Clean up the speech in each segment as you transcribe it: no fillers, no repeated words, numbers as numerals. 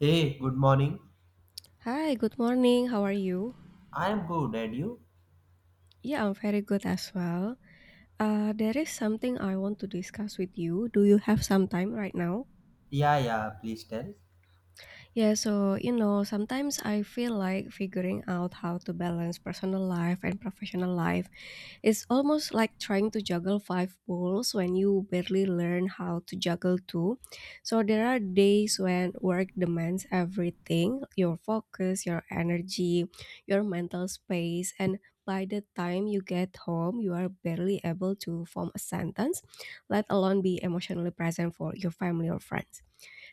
Hey, good morning. Hi, good morning. How are you? I am good, and you? Yeah, I'm very good as well. There is something I want to discuss with you. Do you have some time right now? Yeah, yeah, please tell. Sometimes I feel like figuring out how to balance personal life and professional life. It's almost like trying to juggle five balls when you barely learn how to juggle two. So there are days when work demands everything, your focus, your energy, your mental space, and by the time you get home, you are barely able to form a sentence, let alone be emotionally present for your family or friends,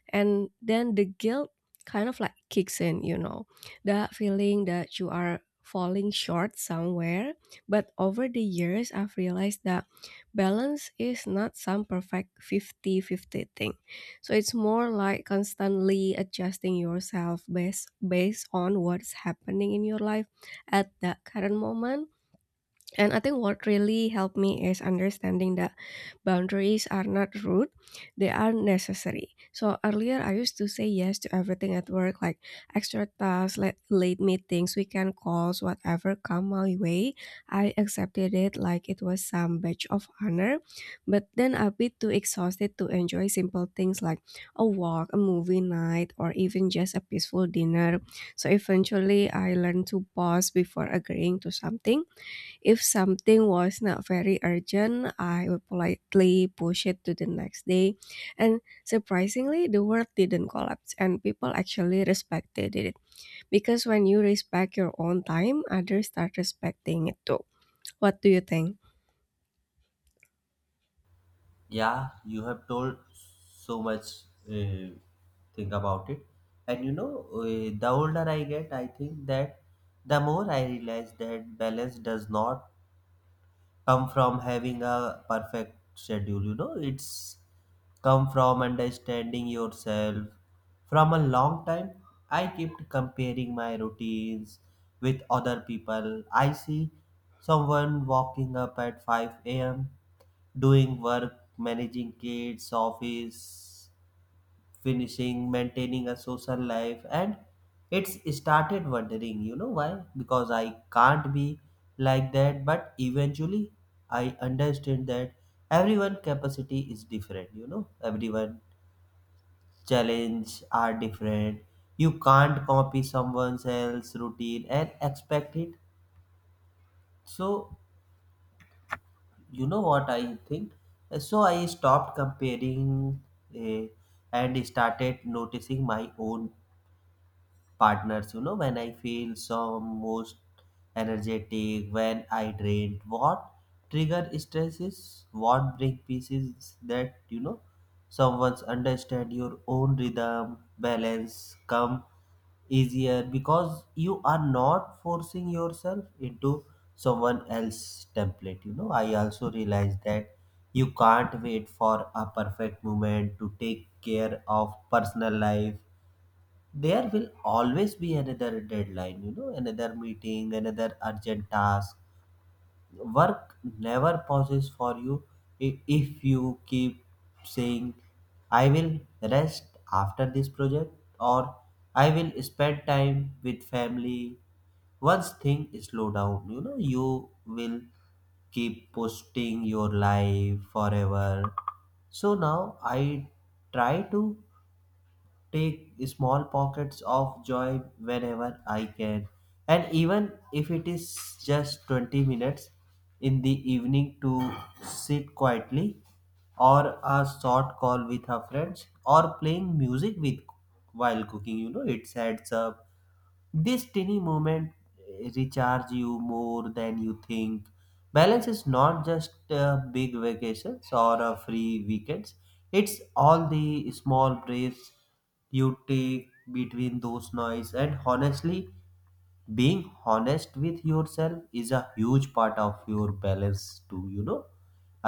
and then the guilt kicks in. That feeling that you are falling short somewhere. But over the years I've realized that balance is not some perfect 50-50 thing. So it's more like constantly adjusting yourself based on what's happening in your life at that current moment. And I think what really helped me is understanding that boundaries are not rude, they are necessary. So earlier I used to say yes to everything at work, like extra tasks, like late meetings, weekend calls, whatever come my way. I accepted it like it was some badge of honor. But then a bit too exhausted to enjoy simple things like a walk, a movie night, or even just a peaceful dinner. So eventually I learned to pause before agreeing to something. If something was not very urgent, I would politely push it to the next day. And surprisingly, the world didn't collapse and people actually respected it. Because when you respect your own time, others start respecting it too. What do you think? Yeah, you have told so much uh, thing about it. And the older I get, I think that the more I realize that balance does not come from having a perfect schedule. It's come from understanding yourself. From a long time, I kept comparing my routines with other people. I see someone walking up at 5 a.m., doing work, managing kids, office, finishing, maintaining a social life, and it's started wondering, why? Because I can't be like that. But eventually, I understand that everyone capacity is different. Everyone challenge are different. You can't copy someone else's routine and expect it. So you know what I think. So I stopped comparing. eh, and started noticing my own partners. When I feel some most energetic, when I drained, what trigger stress is what break pieces that someone's understand your own rhythm, balance come easier because you are not forcing yourself into someone else's template. I also realized that you can't wait for a perfect moment to take care of personal life. There will always be another deadline, another meeting, another urgent task. Work never pauses for you. If you keep saying I will rest after this project, or I will spend time with family once things slow down, you will keep posting your life forever. So now I try to take small pockets of joy whenever I can. And even if it is just 20 minutes in the evening to sit quietly, or a short call with her friends, or playing music with while cooking, it adds up. This tiny moment recharge you more than you think. Balance is not just big vacations or free weekends. It's all the small breaks you take between those noise. And honestly, being honest with yourself is a huge part of your balance too.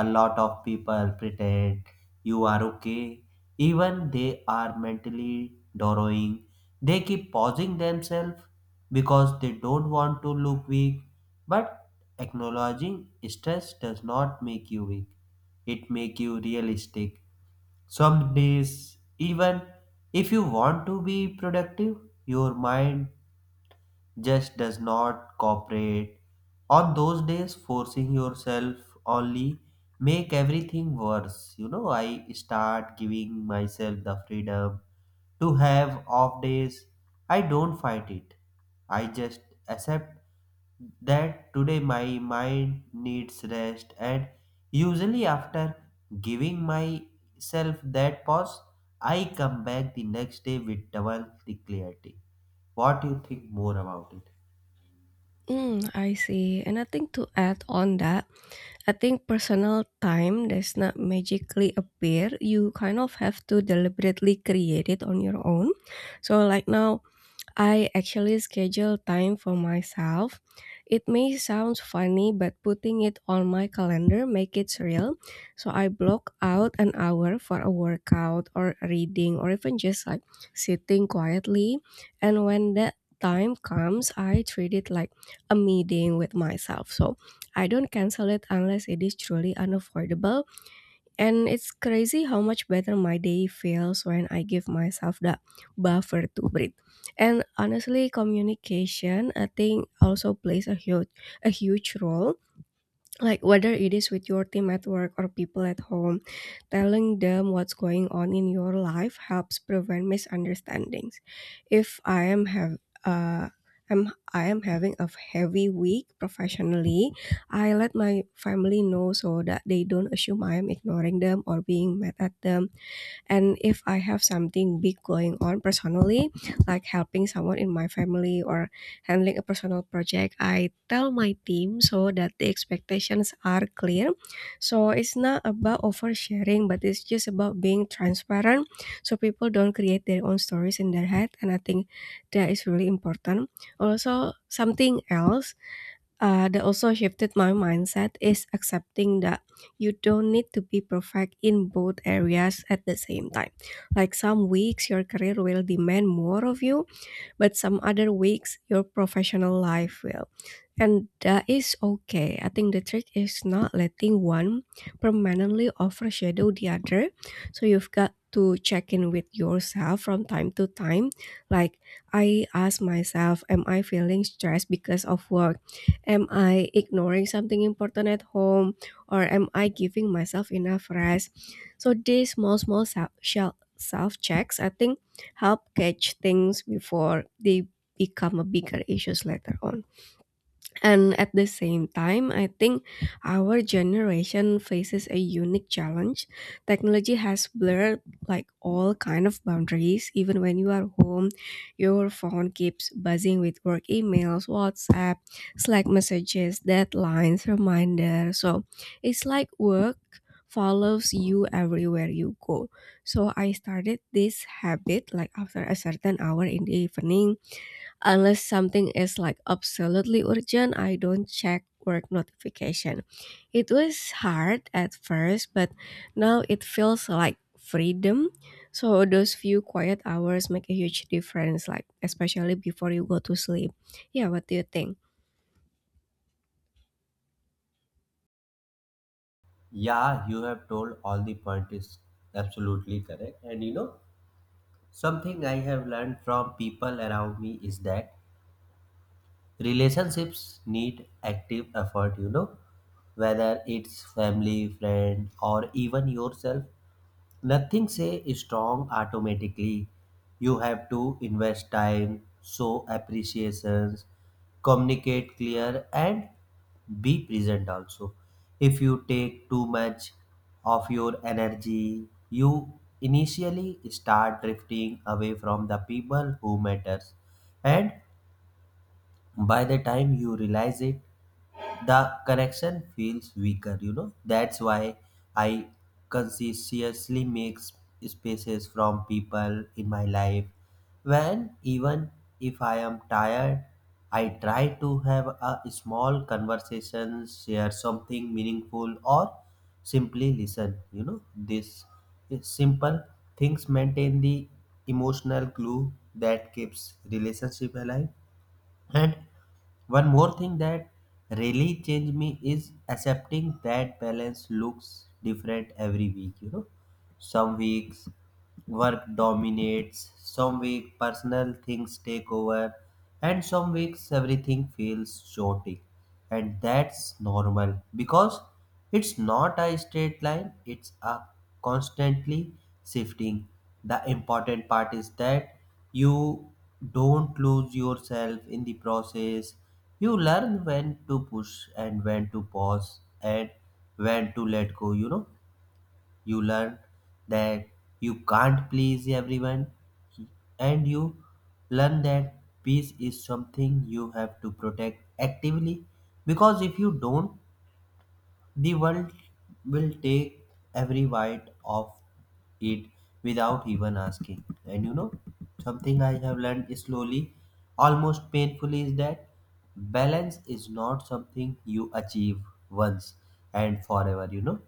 A lot of people pretend you are okay even they are mentally drawing. They keep pausing themselves because they don't want to look weak. But acknowledging stress does not make you weak, it make you realistic. Some days even if you want to be productive, your mind just does not cooperate. On those days, forcing yourself only make everything worse. You know, I start giving myself the freedom to have off days. I don't fight it. I just accept that today my mind needs rest, and usually after giving myself that pause I come back the next day with double the clarity. What do you think more about it? Mm, I see. And I think to add on that, I think personal time does not magically appear. You kind of have to deliberately create it on your own. So, like, now I actually schedule time for myself. It may sound funny, but putting it on my calendar make it real. So I block out an hour for a workout or reading or even just like sitting quietly. And when that time comes, I treat it like a meeting with myself. So I don't cancel it unless it is truly unavoidable, and it's crazy how much better my day feels when I give myself the buffer to breathe. And honestly, communication I think also plays a huge role, like whether it is with your team at work or people at home, telling them what's going on in your life helps prevent misunderstandings. If I am have uh I'm, I am having a heavy week professionally. I let my family know so that they don't assume I am ignoring them or being mad at them. And if I have something big going on personally, like helping someone in my family or handling a personal project, I tell my team so that the expectations are clear. So it's not about oversharing, but it's just about being transparent so people don't create their own stories in their head. And I think that is really important. Also, something else that also shifted my mindset is accepting that you don't need to be perfect in both areas at the same time. Like some weeks, your career will demand more of you, but some other weeks your professional life will. And that is okay. I think the trick is not letting one permanently overshadow the other. So you've got to check in with yourself from time to time. Like, I ask myself, am I feeling stressed because of work? Am I ignoring something important at home? Or am I giving myself enough rest? So these small, small self checks, I think help catch things before they become a bigger issues later on. And at the same time, I think our generation faces a unique challenge. Technology has blurred like all kind of boundaries. Even when you are home, your phone keeps buzzing with work emails, WhatsApp, Slack messages, deadlines, reminders. So it's like work follows you everywhere you go. So I started this habit like after a certain hour in the evening. Unless something is like absolutely urgent, I don't check work notification. It was hard at first, but now it feels like freedom. So those few quiet hours make a huge difference, like especially before you go to sleep. Yeah, what do you think? Yeah, you have told all the point is absolutely correct. And something I have learned from people around me is that relationships need active effort, whether it's family, friend, or even yourself. Nothing say strong automatically. You have to invest time, show appreciations, communicate clear, and be present also. If you take too much of your energy, you initially start drifting away from the people who matters. And by the time you realize it, the connection feels weaker. That's why I consciously make spaces from people in my life. When even if I am tired, I try to have a small conversation, share something meaningful, or simply listen. This is simple things maintain the emotional glue that keeps relationship alive. And one more thing that really changed me is accepting that balance looks different every week. Some weeks work dominates, some weeks personal things take over, and some weeks everything feels chaotic. And that's normal because it's not a straight line, it's a constantly shifting. The important part is that you don't lose yourself in the process. You learn when to push and when to pause and when to let go, you know. You learn that you can't please everyone, and you learn that peace is something you have to protect actively because if you don't, the world will take every bite of it without even asking. And something I have learned slowly, almost painfully, is that balance is not something you achieve once and forever.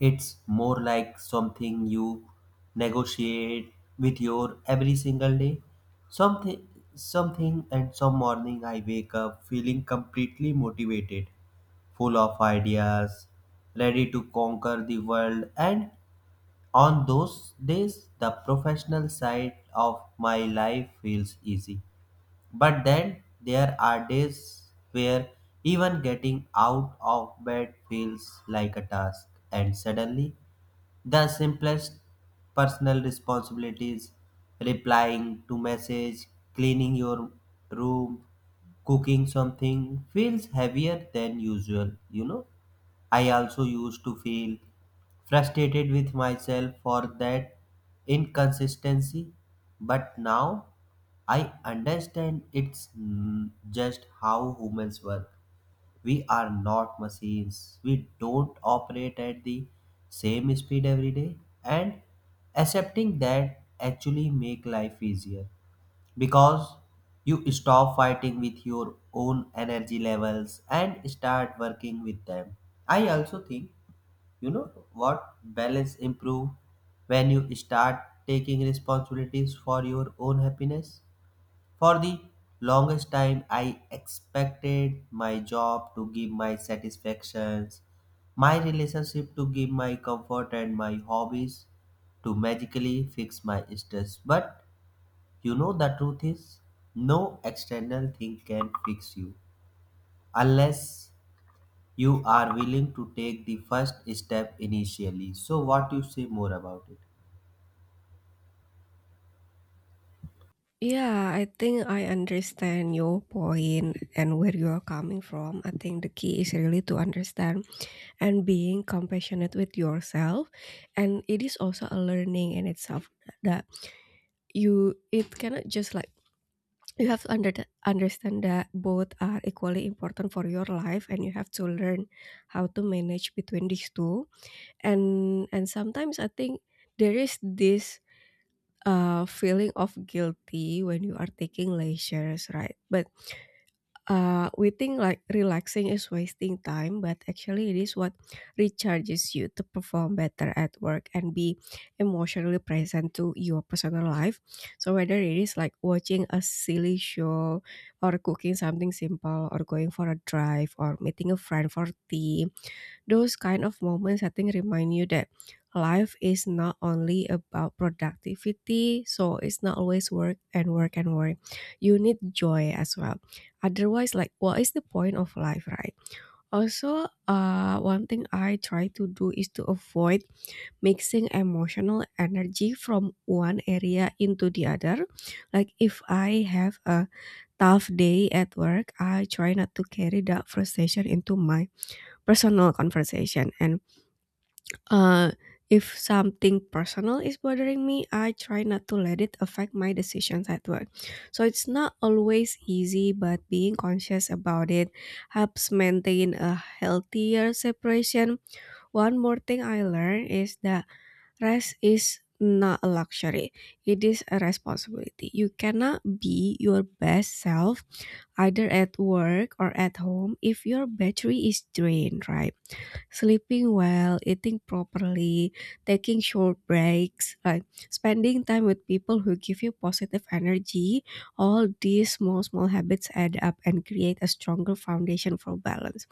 It's more like something you negotiate with your every single day. Something something and some morning I wake up feeling completely motivated, full of ideas, ready to conquer the world. And on those days, the professional side of my life feels easy. But then there are days where even getting out of bed feels like a task, and suddenly the simplest personal responsibilities, replying to message, cleaning your room, cooking something feels heavier than usual. I also used to feel frustrated with myself for that inconsistency, but now I understand it's just how humans work. We are not machines. We don't operate at the same speed every day. And accepting that actually make life easier because you stop fighting with your own energy levels and start working with them. I also think, what balance improve when you start taking responsibilities for your own happiness. For the longest time, I expected my job to give my satisfactions, my relationship to give my comfort, and my hobbies to magically fix my stress. But the truth is, no external thing can fix you unless you are willing to take the first step initially. So, what you say more about it? Yeah, I think I understand your point and where you are coming from. I think the key is really to understand and being compassionate with yourself. And it is also a learning in itself. That you it cannot just like you have to under understand that both are equally important for your life and you have to learn how to manage between these two, and sometimes I think there is this feeling of guilty when you are taking leisures, right? But we think like relaxing is wasting time, but actually it is what recharges you to perform better at work and be emotionally present to your personal life. So whether it is like watching a silly show or cooking something simple or going for a drive or meeting a friend for tea, those kind of moments I think remind you that life is not only about productivity. So it's not always work and work and work, you need joy as well. Otherwise, like, what is the point of life, right? Also, one thing I try to do is to avoid mixing emotional energy from one area into the other. Like, if I have a tough day at work, I try not to carry that frustration into my personal conversation. And uh, if something personal is bothering me, I try not to let it affect my decisions at work. So it's not always easy, but being conscious about it helps maintain a healthier separation. One more thing I learned is that rest is not a luxury, it is a responsibility. You cannot be your best self either at work or at home if your battery is drained, right? Sleeping well, eating properly, taking short breaks, like spending time with people who give you positive energy, all these small, small habits add up and create a stronger foundation for balance.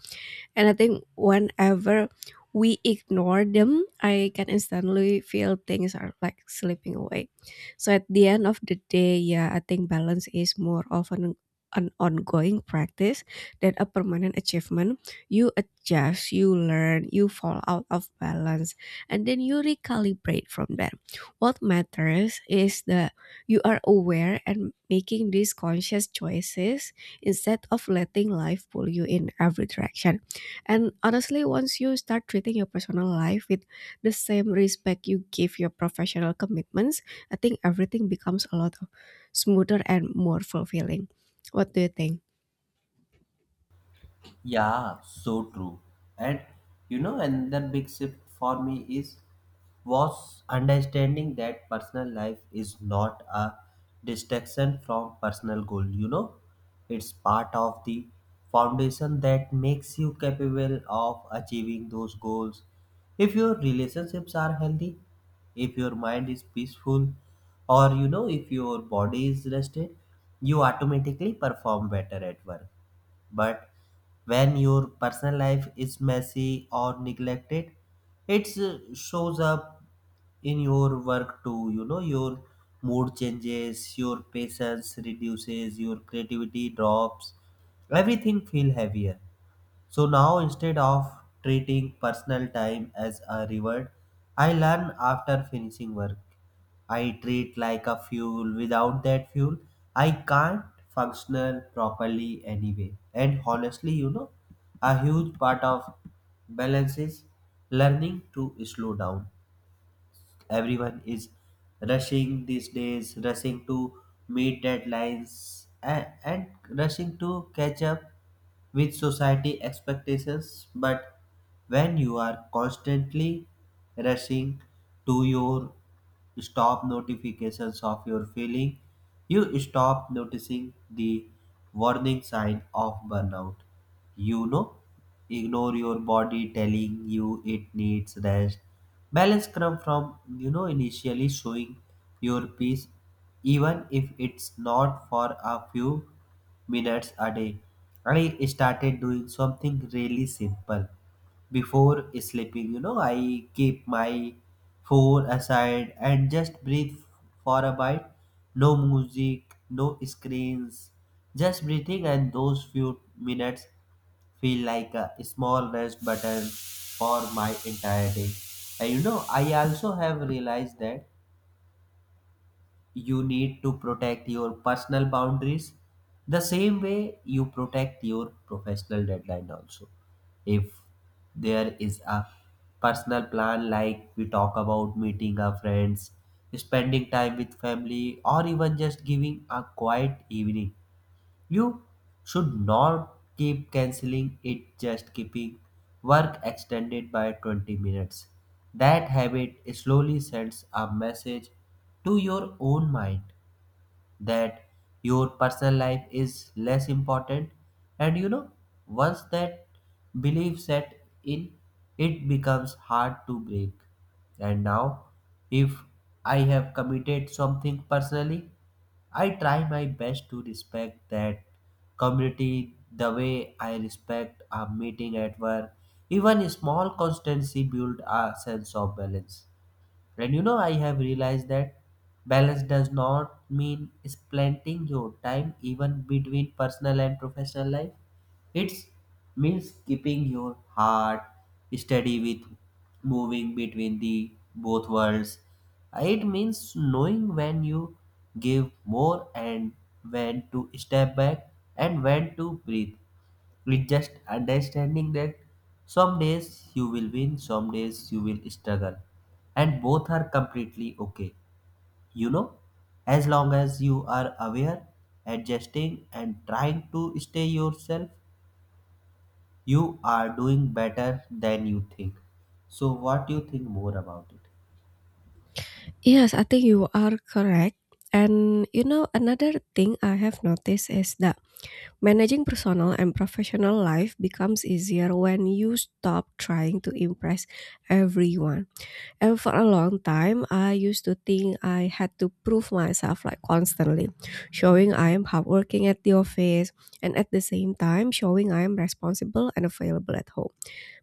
And I think whenever we ignore them, I can instantly feel things are like slipping away. So at the end of the day, yeah, I think balance is more of an ongoing practice than a permanent achievement. You adjust, you learn, you fall out of balance, and then you recalibrate from there. What matters is that you are aware and making these conscious choices instead of letting life pull you in every direction. And honestly, once you start treating your personal life with the same respect you give your professional commitments, I think everything becomes a lot smoother and more fulfilling. What do you think? Yeah, so true. And another big shift for me is was understanding that personal life is not a distraction from personal goal. It's part of the foundation that makes you capable of achieving those goals. If your relationships are healthy, if your mind is peaceful, or if your body is rested, you automatically perform better at work. But when your personal life is messy or neglected, it shows up in your work too. Your mood changes, your patience reduces, your creativity drops, everything feel heavier. So now instead of treating personal time as a reward, I learn after finishing work. I treat like a fuel. Without that fuel, I can't functional properly anyway. And honestly, a huge part of balance is learning to slow down. Everyone is rushing these days, rushing to meet deadlines, and rushing to catch up with society expectations. But when you are constantly rushing to your stop notifications of your feeling, you stop noticing the warning sign of burnout. you know Ignore your body telling you it needs rest. Balance come from initially showing your peace, even if it's not for a few minutes a day. I started doing something really simple. Before sleeping, I keep my phone aside and just breathe for a bite. No music, no screens, just breathing. And those few minutes feel like a small rest button for my entire day. And I also have realized that you need to protect your personal boundaries the same way you protect your professional deadline also. If there is a personal plan like we talk about meeting our friends, spending time with family, or even just giving a quiet evening, you should not keep canceling it just keeping work extended by 20 minutes. That habit slowly sends a message to your own mind that your personal life is less important. And once that belief set in, it becomes hard to break. And now if I have committed something personally, I try my best to respect that community the way I respect a meeting at work. Even small constancy build a sense of balance. And I have realized that balance does not mean splitting your time even between personal and professional life. It means keeping your heart steady with moving between the both worlds. It means knowing when you give more and when to step back and when to breathe. With just understanding that some days you will win, some days you will struggle, and both are completely okay. You know, as long as you are aware, adjusting, and trying to stay yourself, you are doing better than you think. So, what do you think more about it? Yes, I think you are correct. And you know, another thing I have noticed is that managing personal and professional life becomes easier when you stop trying to impress everyone. And for a long time, I used to think I had to prove myself like constantly, showing I am hardworking at the office and at the same time showing I am responsible and available at home.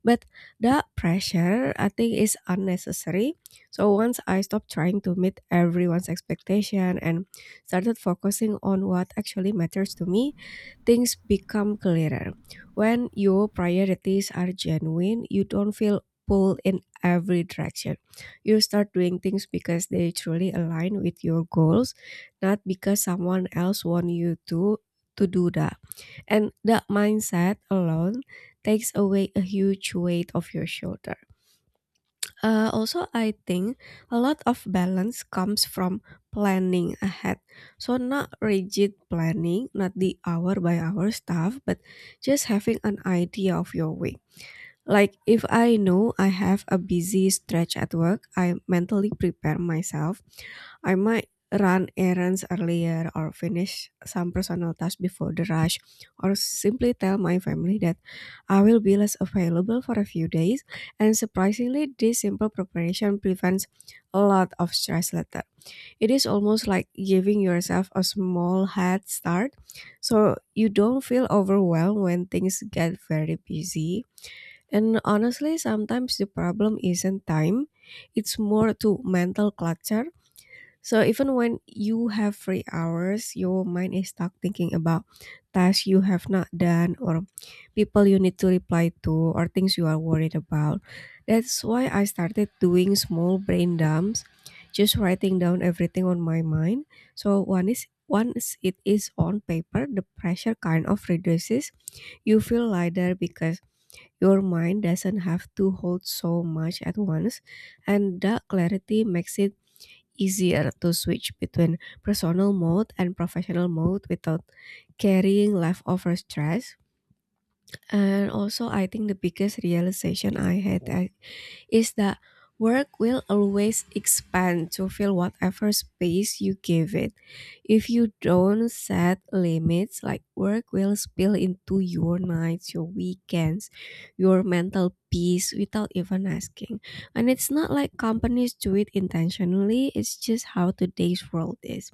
But that pressure, I think, is unnecessary. So once I stopped trying to meet everyone's expectation and started focusing on what actually matters to me, things become clearer. When your priorities are genuine, you don't feel pulled in every direction. You start doing things because they truly align with your goals, not because someone else wants you to do that. And that mindset alone takes away a huge weight off your shoulder. Also, I think a lot of balance comes from planning ahead. So, not rigid planning, not the hour by hour stuff, but just having an idea of your week. Like if I know I have a busy stretch at work, I mentally prepare myself. I might run errands earlier or finish some personal tasks before the rush, or simply tell my family that I will be less available for a few days. And surprisingly this simple preparation prevents a lot of stress later. It is almost like giving yourself a small head start so you don't feel overwhelmed when things get very busy. And honestly, sometimes the problem isn't time, it's more to mental clutter. So even when you have free hours, your mind is stuck thinking about tasks you have not done or people you need to reply to or things you are worried about. That's why I started doing small brain dumps, just writing down everything on my mind. So one is once it is on paper, the pressure kind of reduces. You feel lighter because your mind doesn't have to hold so much at once, and that clarity makes it easier to switch between personal mode and professional mode without carrying leftover stress. And also, I think the biggest realization I had is that work will always expand to fill whatever space you give it. If you don't set limits, like work will spill into your nights, your weekends, your mental peace without even asking. And it's not like companies do it intentionally, it's just how today's world is.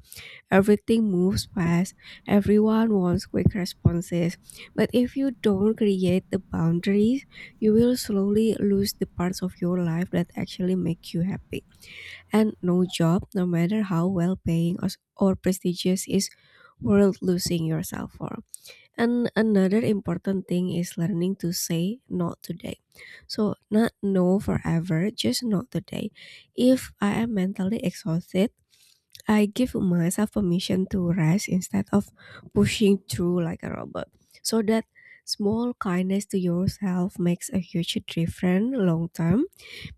Everything moves fast, everyone wants quick responses. But if you don't create the boundaries, you will slowly lose the parts of your life that actually make you happy. And no job, no matter how well paying or prestigious, is worth losing yourself for. And another important thing is learning to say not today. So, not no forever, just not today. If I am mentally exhausted, I give myself permission to rest instead of pushing through like a robot. So that small kindness to yourself makes a huge difference long term,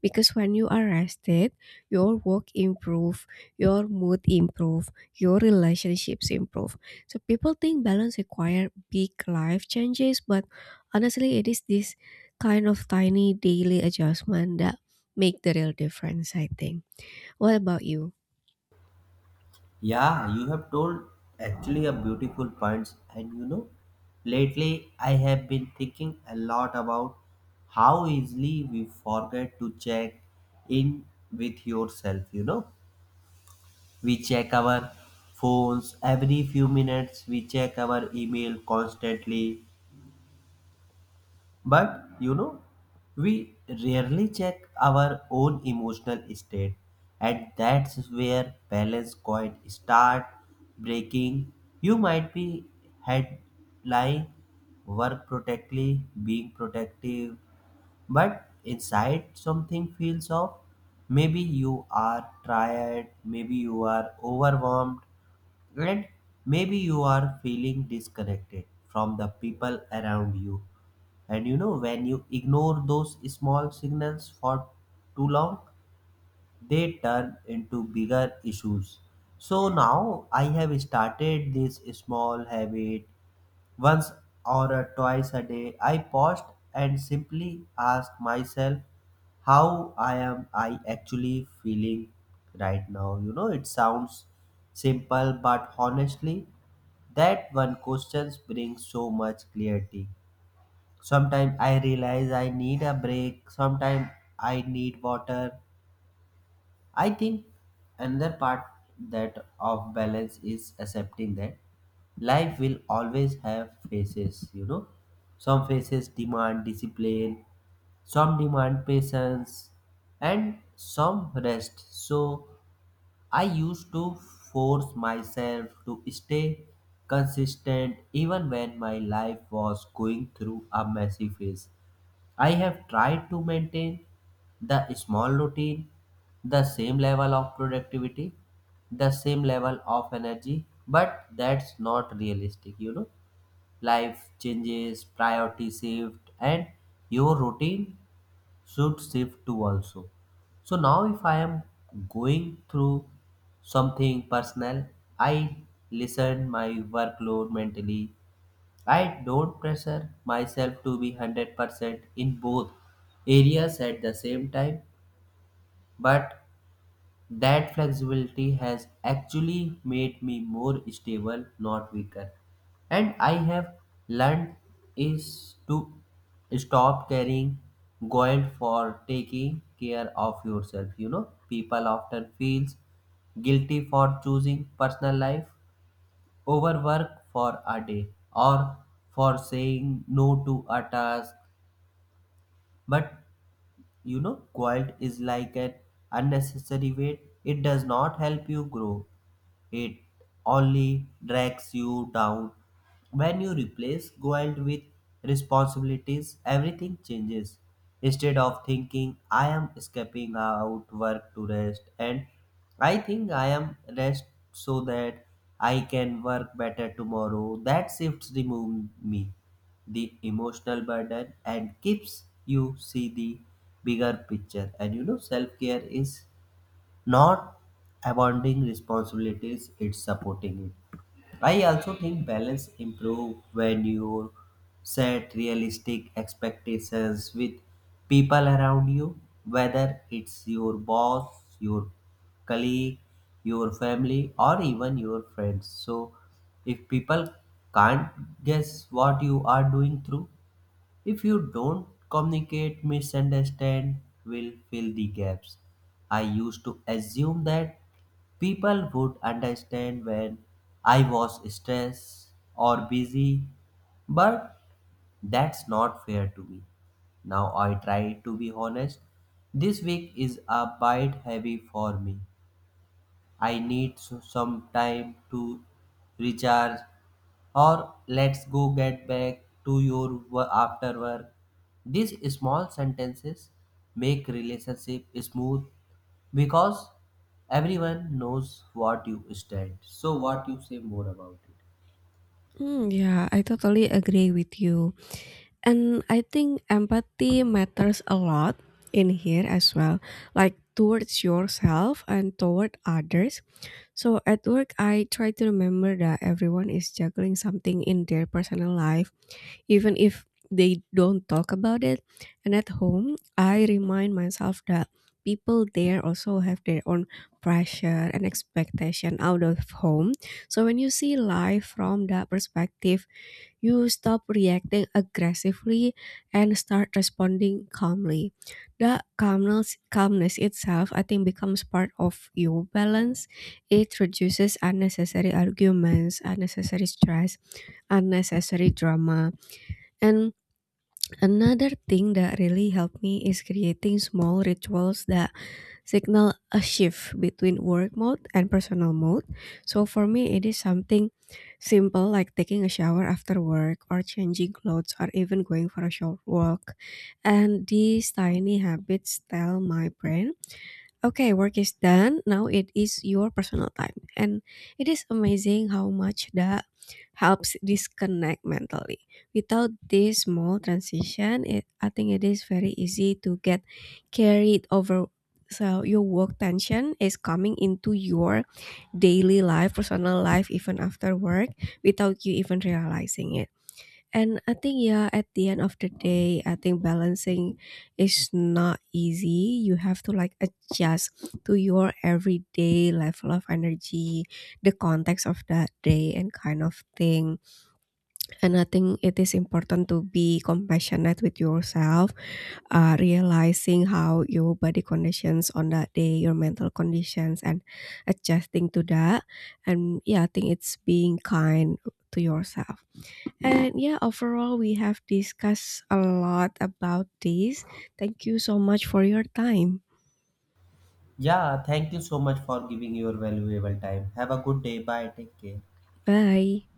because when you are rested, your work improve, your mood improve, your relationships improve. So people think balance require big life changes, but honestly it is this kind of tiny daily adjustment that make the real difference, I think. What about you? Yeah, you have told actually a beautiful points. And lately I have been thinking a lot about how easily we forget to check in with yourself, you know. We check our phones every few minutes, we check our email constantly, but we rarely check our own emotional state, and that's where balance coin start breaking. You might be head lying, work protectively, being protective, but inside something feels off. Maybe you are tired, maybe you are overwhelmed, and maybe you are feeling disconnected from the people around you. And when you ignore those small signals for too long, they turn into bigger issues. So now I have started this small habit. Once or a twice a day, I paused and simply ask myself how I am I actually feeling right now. It sounds simple, but honestly, that one question brings so much clarity. Sometimes I realize I need a break. Sometimes I need water. I think another part that of balance is accepting that life will always have phases. Some phases demand discipline, some demand patience, and some rest. So I used to force myself to stay consistent even when my life was going through a messy phase. I have tried to maintain the small routine, the same level of productivity, the same level of energy, but that's not realistic. Life changes, priority shift, and your routine should shift too also. So now if I am going through something personal, I listen my workload mentally. I don't pressure myself to be 100% in both areas at the same time, but that flexibility has actually made me more stable, not weaker. And I have learned is to stop carrying guilt for taking care of yourself. People often feels guilty for choosing personal life overwork for a day, or for saying no to a task. But guilt is like an unnecessary weight, it does not help you grow. It only drags you down. When you replace guilt with responsibilities, everything changes. Instead of thinking, I am escaping out work to rest, and I think I am rest so that I can work better tomorrow. That shifts remove me the emotional burden and keeps you see the bigger picture. And self care is not abandoning responsibilities, it's supporting it. I also think balance improve when you set realistic expectations with people around you, whether it's your boss, your colleague, your family, or even your friends. So if people can't guess what you are doing through, if you don't communicate, misunderstand will fill the gaps. I used to assume that people would understand when I was stressed or busy, but that's not fair to me. Now I try to be honest. This week is a bit heavy for me. I need some time to recharge, or let's go get back to your after work. These small sentences make relationship smooth because everyone knows what you stand. So, what you say more about it? Mm, yeah, I totally agree with you. And I think empathy matters a lot in here as well, like towards yourself and toward others. So at work, I try to remember that everyone is juggling something in their personal life, even if they don't talk about it. And at home, I remind myself that people there also have their own pressure and expectation out of home. So when you see life from that perspective, you stop reacting aggressively and start responding calmly. The calmness itself, I think, becomes part of your balance. It reduces unnecessary arguments, unnecessary stress, unnecessary drama. And another thing that really helped me is creating small rituals that signal a shift between work mode and personal mode. So for me, it is something simple like taking a shower after work or changing clothes or even going for a short walk. And these tiny habits tell my brain, okay, work is done. Now it is your personal time. And it is amazing how much that helps disconnect mentally. Without this small transition, I think it is very easy to get carried over. So your work tension is coming into your daily life, personal life, even after work, without you even realizing it. And I think, yeah, at the end of the day, I think balancing is not easy. You have to like adjust to your everyday level of energy, the context of that day, and kind of thing. And I think it is important to be compassionate with yourself, realizing how your body conditions on that day, your mental conditions, and adjusting to that. And yeah, I think it's being kind to yourself. And yeah, overall, we have discussed a lot about this. Thank you so much for your time. Yeah, thank you so much for giving your valuable time. Have a good day. Bye. Take care. Bye.